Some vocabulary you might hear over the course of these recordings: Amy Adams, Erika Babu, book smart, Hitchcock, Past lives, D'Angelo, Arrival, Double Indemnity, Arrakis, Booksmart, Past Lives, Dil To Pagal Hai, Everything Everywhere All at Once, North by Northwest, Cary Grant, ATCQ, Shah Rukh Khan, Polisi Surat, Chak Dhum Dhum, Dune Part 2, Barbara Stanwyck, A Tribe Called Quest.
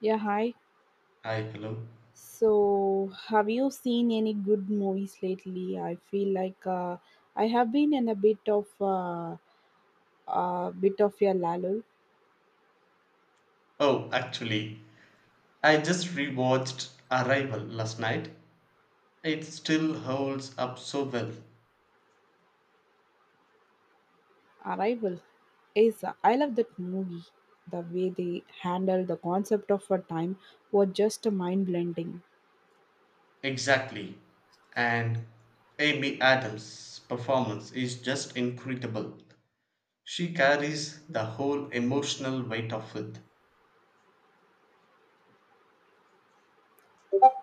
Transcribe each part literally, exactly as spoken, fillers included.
Yeah, hi. Hi, hello. So, have you seen any good movies lately? I feel like uh, I have been in a bit of uh, uh, bit of a lull. Oh, actually, I just rewatched Arrival last night. It still holds up so well. Arrival is I love that movie. The way they handle the concept of a time was just mind blending. Exactly. And Amy Adams' performance is just incredible. She carries the whole emotional weight of it.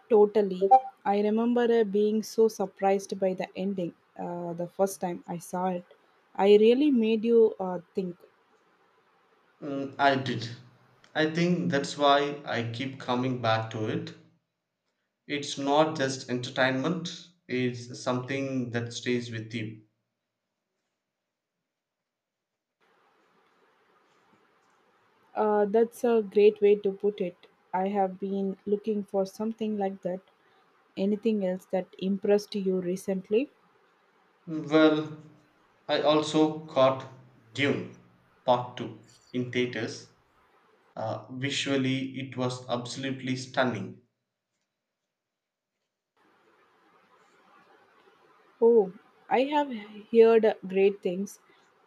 Totally, I remember uh, being so surprised by the ending, uh, the first time I saw it. I really made you uh, think. Mm, I did. I think that's why I keep coming back to it. It's not just entertainment, it's something that stays with you. Uh, that's a great way to put it. I have been looking for something like that. Anything else that impressed you recently? Well, I also caught Dune Part two in theaters. Uh, visually, it was absolutely stunning. Oh, I have heard great things.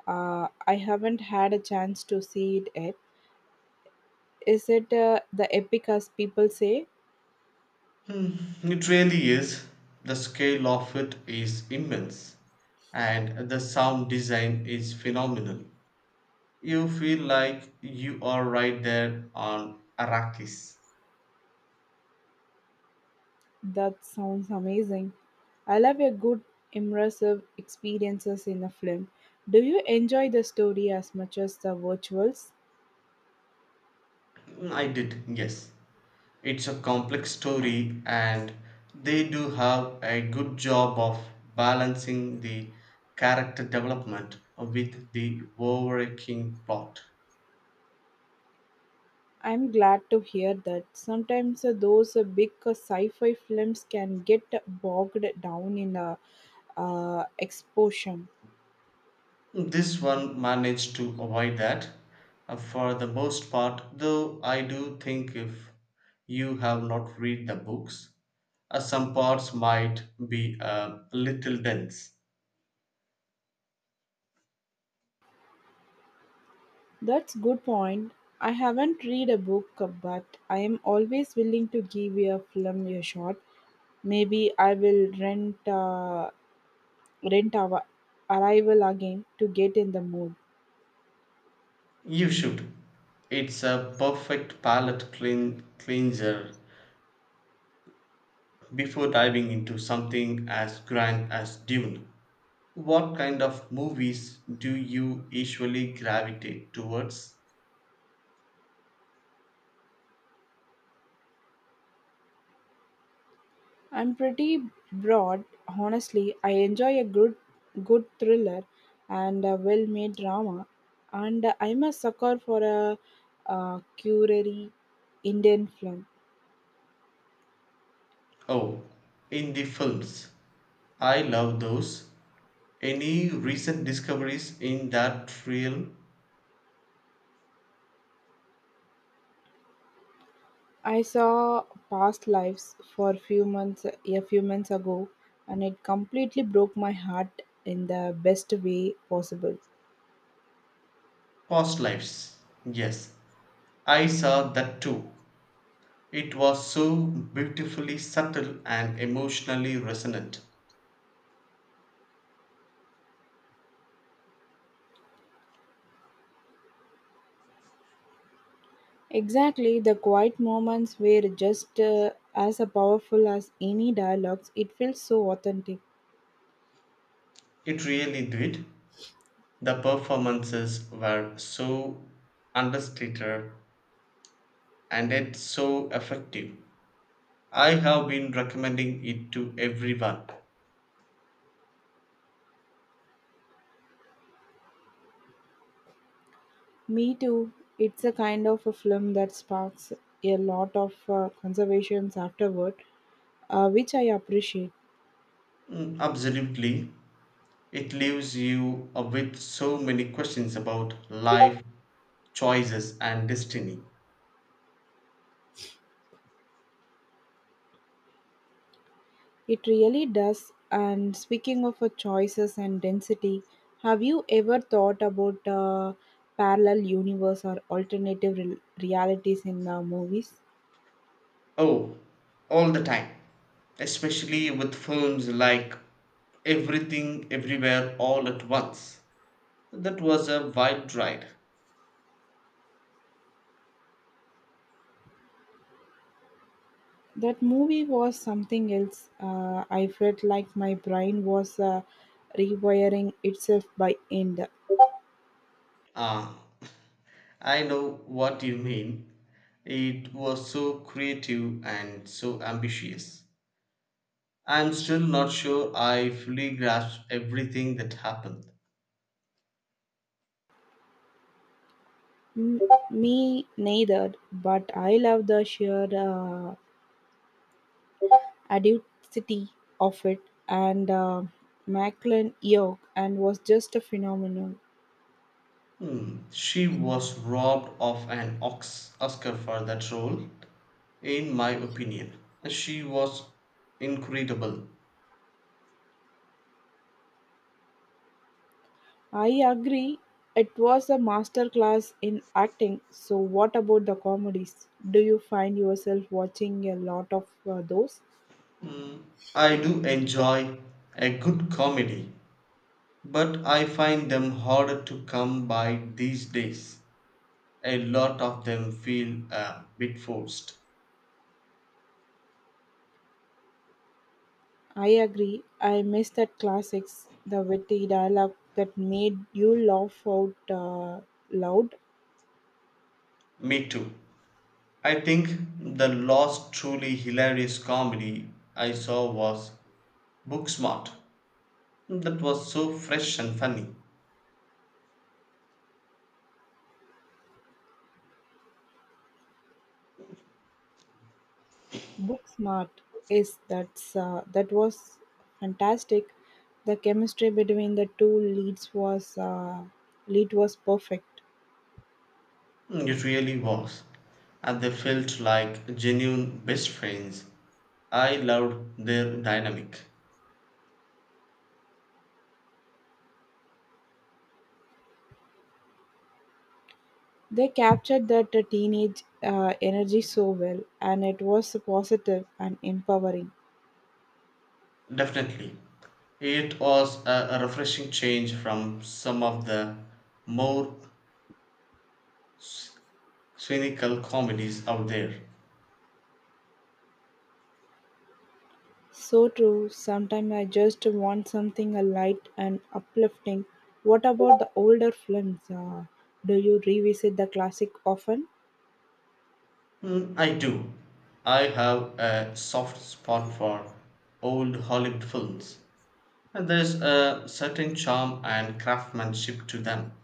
Uh, I haven't had a chance to see it yet. Is it uh, the epic as people say? Hmm, It really is. The scale of it is immense, and the sound design is phenomenal. You feel like you are right there on Arrakis. That sounds amazing. I love a good immersive experiences in a film. Do you enjoy the story as much as the virtuals? I did, yes. It's a complex story, and they do have a good job of balancing the character development with the overarching plot. I'm glad to hear that. Sometimes uh, those uh, big uh, sci-fi films can get bogged down in uh, uh, exposition. This one managed to avoid that, uh, for the most part, though I do think if you have not read the books, uh, some parts might be uh, a little dense. That's good point. I haven't read a book, uh, but I am always willing to give a film a shot. Maybe I will rent uh, rent our Arrival again to get in the mood. You should. It's a perfect palate clean, cleanser before diving into something as grand as Dune. What kind of movies do you usually gravitate towards? I'm pretty broad, honestly. I enjoy a good good thriller and a well-made drama, and I'm a sucker for a, uh curary Indian film. Oh, indie films. I love those. Any recent discoveries in that realm? I saw Past Lives for a few months a few months ago, and it completely broke my heart in the best way possible. Past lives. Yes, I saw that too. It was so beautifully subtle and emotionally resonant. Exactly, the quiet moments were just uh, as powerful as any dialogues. It feels so authentic. It really did. The performances were so understated, and it's so effective. I have been recommending it to everyone. Me too. It's a kind of a film that sparks a lot of uh, conservations afterward, uh, which I appreciate. Mm, absolutely. It leaves you, uh, with so many questions about life, choices, and destiny. It really does. And speaking of uh, choices and density, have you ever thought about uh, parallel universe or alternative rel realities in uh, movies? Oh, all the time. Especially with films like Everything Everywhere All at Once. That was a wild ride. That movie was something else. Uh, I felt like my brain was uh, rewiring itself by end. Ah, I know what you mean. It was so creative and so ambitious. I'm still not sure I fully grasped everything that happened. M- Me neither, but I love the sheer uh, audacity of it. And uh, Macklin York and was just a phenomenon. Hmm. She was robbed of an Ox- Oscar for that role, in my opinion. She was incredible. I agree. It was a master class in acting. So, what about the comedies? Do you find yourself watching a lot of uh, those? I do enjoy a good comedy, but I find them harder to come by these days. A lot of them feel a bit forced. I agree. I miss that classics, the witty dialogue that made you laugh out uh, loud. Me too. I think the last truly hilarious comedy I saw was book smart. That was so fresh and funny. Booksmart is that's uh, that was fantastic. The chemistry between the two leads was uh, lead was perfect. It really was. And they felt like genuine best friends. I loved their dynamic. They captured that uh, teenage uh, energy so well, and it was positive and empowering. Definitely. It was a a refreshing change from some of the more cynical comedies out there. So true. Sometimes I just want something uh, light and uplifting. What about the older films? Uh, do you revisit the classic often? Mm, I do. I have a soft spot for old Hollywood films. And there's a certain charm and craftsmanship to them.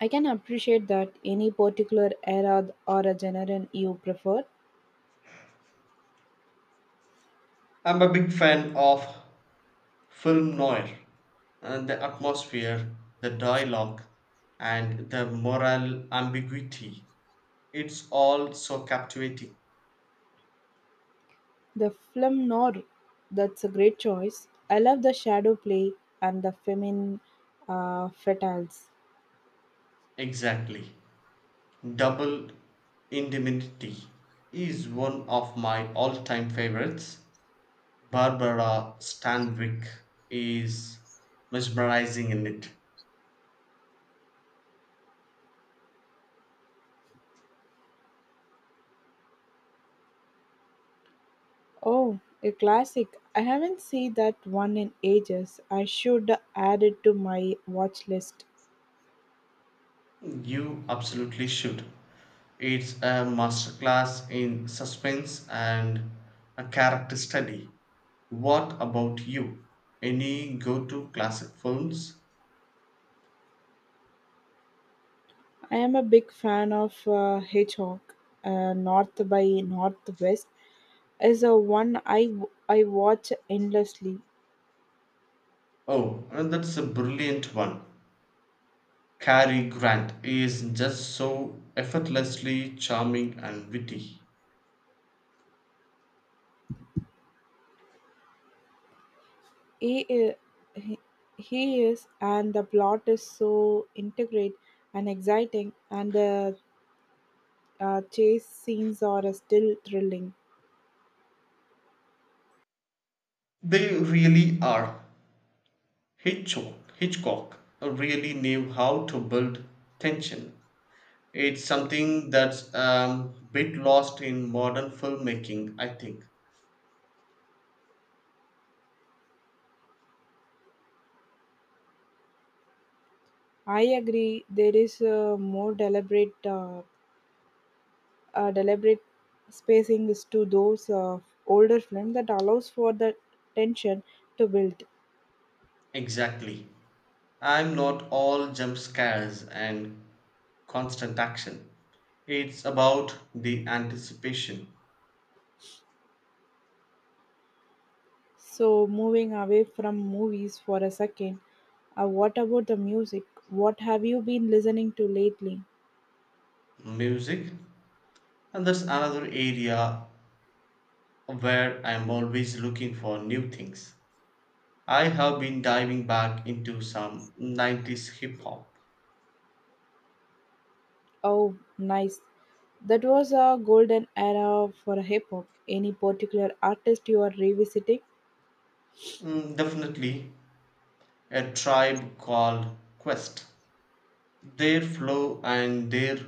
I can appreciate that any particular era or a genre you prefer. I'm a big fan of film noir. And the atmosphere, the dialogue, and the moral ambiguity. It's all so captivating. The film Nor, that's a great choice. I love the shadow play and the feminine uh, fatales. Exactly. Double Indemnity is one of my all time favorites. Barbara Stanwyck is mesmerizing in it. Oh, a classic. I haven't seen that one in ages. I should add it to my watch list. You absolutely should. It's a masterclass in suspense and a character study. What about you? Any go to classic films? I am a big fan of uh, Hitchcock. Uh, North by Northwest is a one I I watch endlessly. Oh, and that's a brilliant one. Cary Grant is just so effortlessly charming and witty. He, i- he, he is, and the plot is so integrate and exciting, and the uh, chase scenes are still thrilling. They really are. Hitchcock, Hitchcock really knew how to build tension. It's something that's um, bit lost in modern filmmaking, I think. I agree. There is a more deliberate, uh, uh, deliberate spacing is to those uh, older films that allows for the tension to build. Exactly. I'm not all jump scares and constant action. It's about the anticipation. So, moving away from movies for a second, uh, what about the music? What have you been listening to lately? Music, and that's another area where I'm always looking for new things. I have been diving back into some nineties hip hop. Oh, nice. That was a golden era for hip hop. Any particular artist you are revisiting? Mm, definitely A Tribe Called Quest. Their flow and their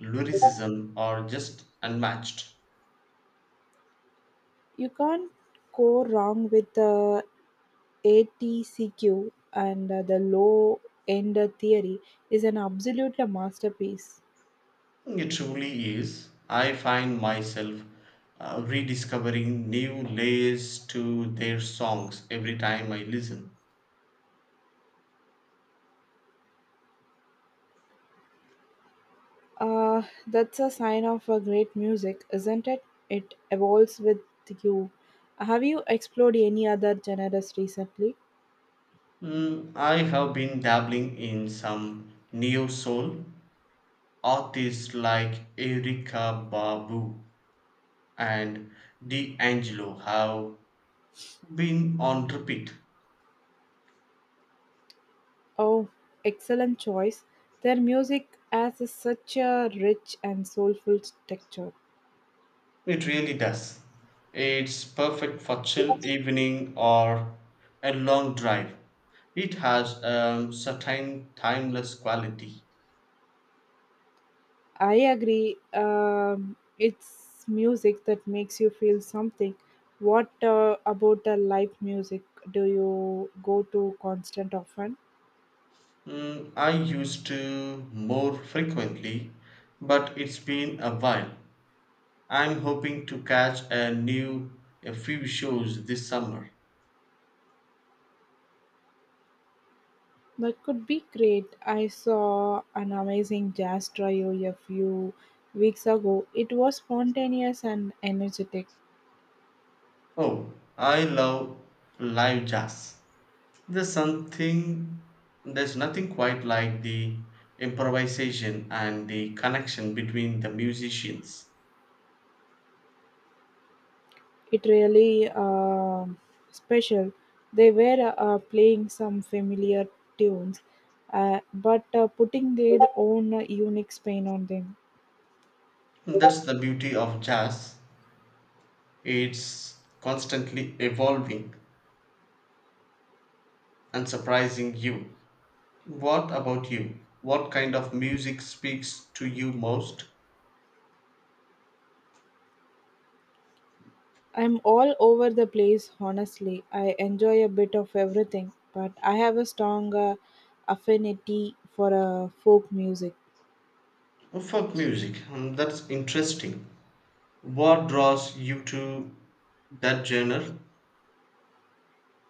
lyricism are just unmatched. You can't go wrong with the A T C Q and uh, the low end theory is an absolute masterpiece. It truly is. I find myself uh, rediscovering new layers to their songs every time I listen. Uh, that's a sign of a great music, isn't it? It evolves with you. Have you explored any other genres recently? Mm, I have been dabbling in some neo soul artists like Erika Babu and D'Angelo have been on repeat. Oh, excellent choice. Their music has a- such a rich and soulful texture. It really does. It's perfect for chill evening or a long drive. It has a certain timeless quality. I agree. Um, it's music that makes you feel something. What uh, about the live music? Do you go to constant often? Mm, I used to more frequently, but it's been a while. I'm hoping to catch a new a few shows this summer. That could be great. I saw an amazing jazz trio a few weeks ago. It was spontaneous and energetic. Oh, I love live jazz. There's something, there's nothing quite like the improvisation and the connection between the musicians. It really uh, special. They were uh, playing some familiar tunes, uh, but uh, putting their own uh, unique spin on them. That's the beauty of jazz. It's constantly evolving and surprising you. What about you? What kind of music speaks to you most? I'm all over the place, honestly. I enjoy a bit of everything, but I have a strong uh, affinity for uh, folk music. Folk music, um, that's interesting. What draws you to that genre?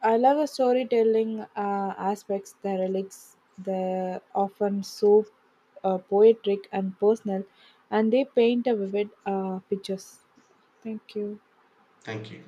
I love the storytelling uh, aspects, the relics, the often so uh, poetic and personal, and they paint a vivid uh, pictures. Thank you. Thank you.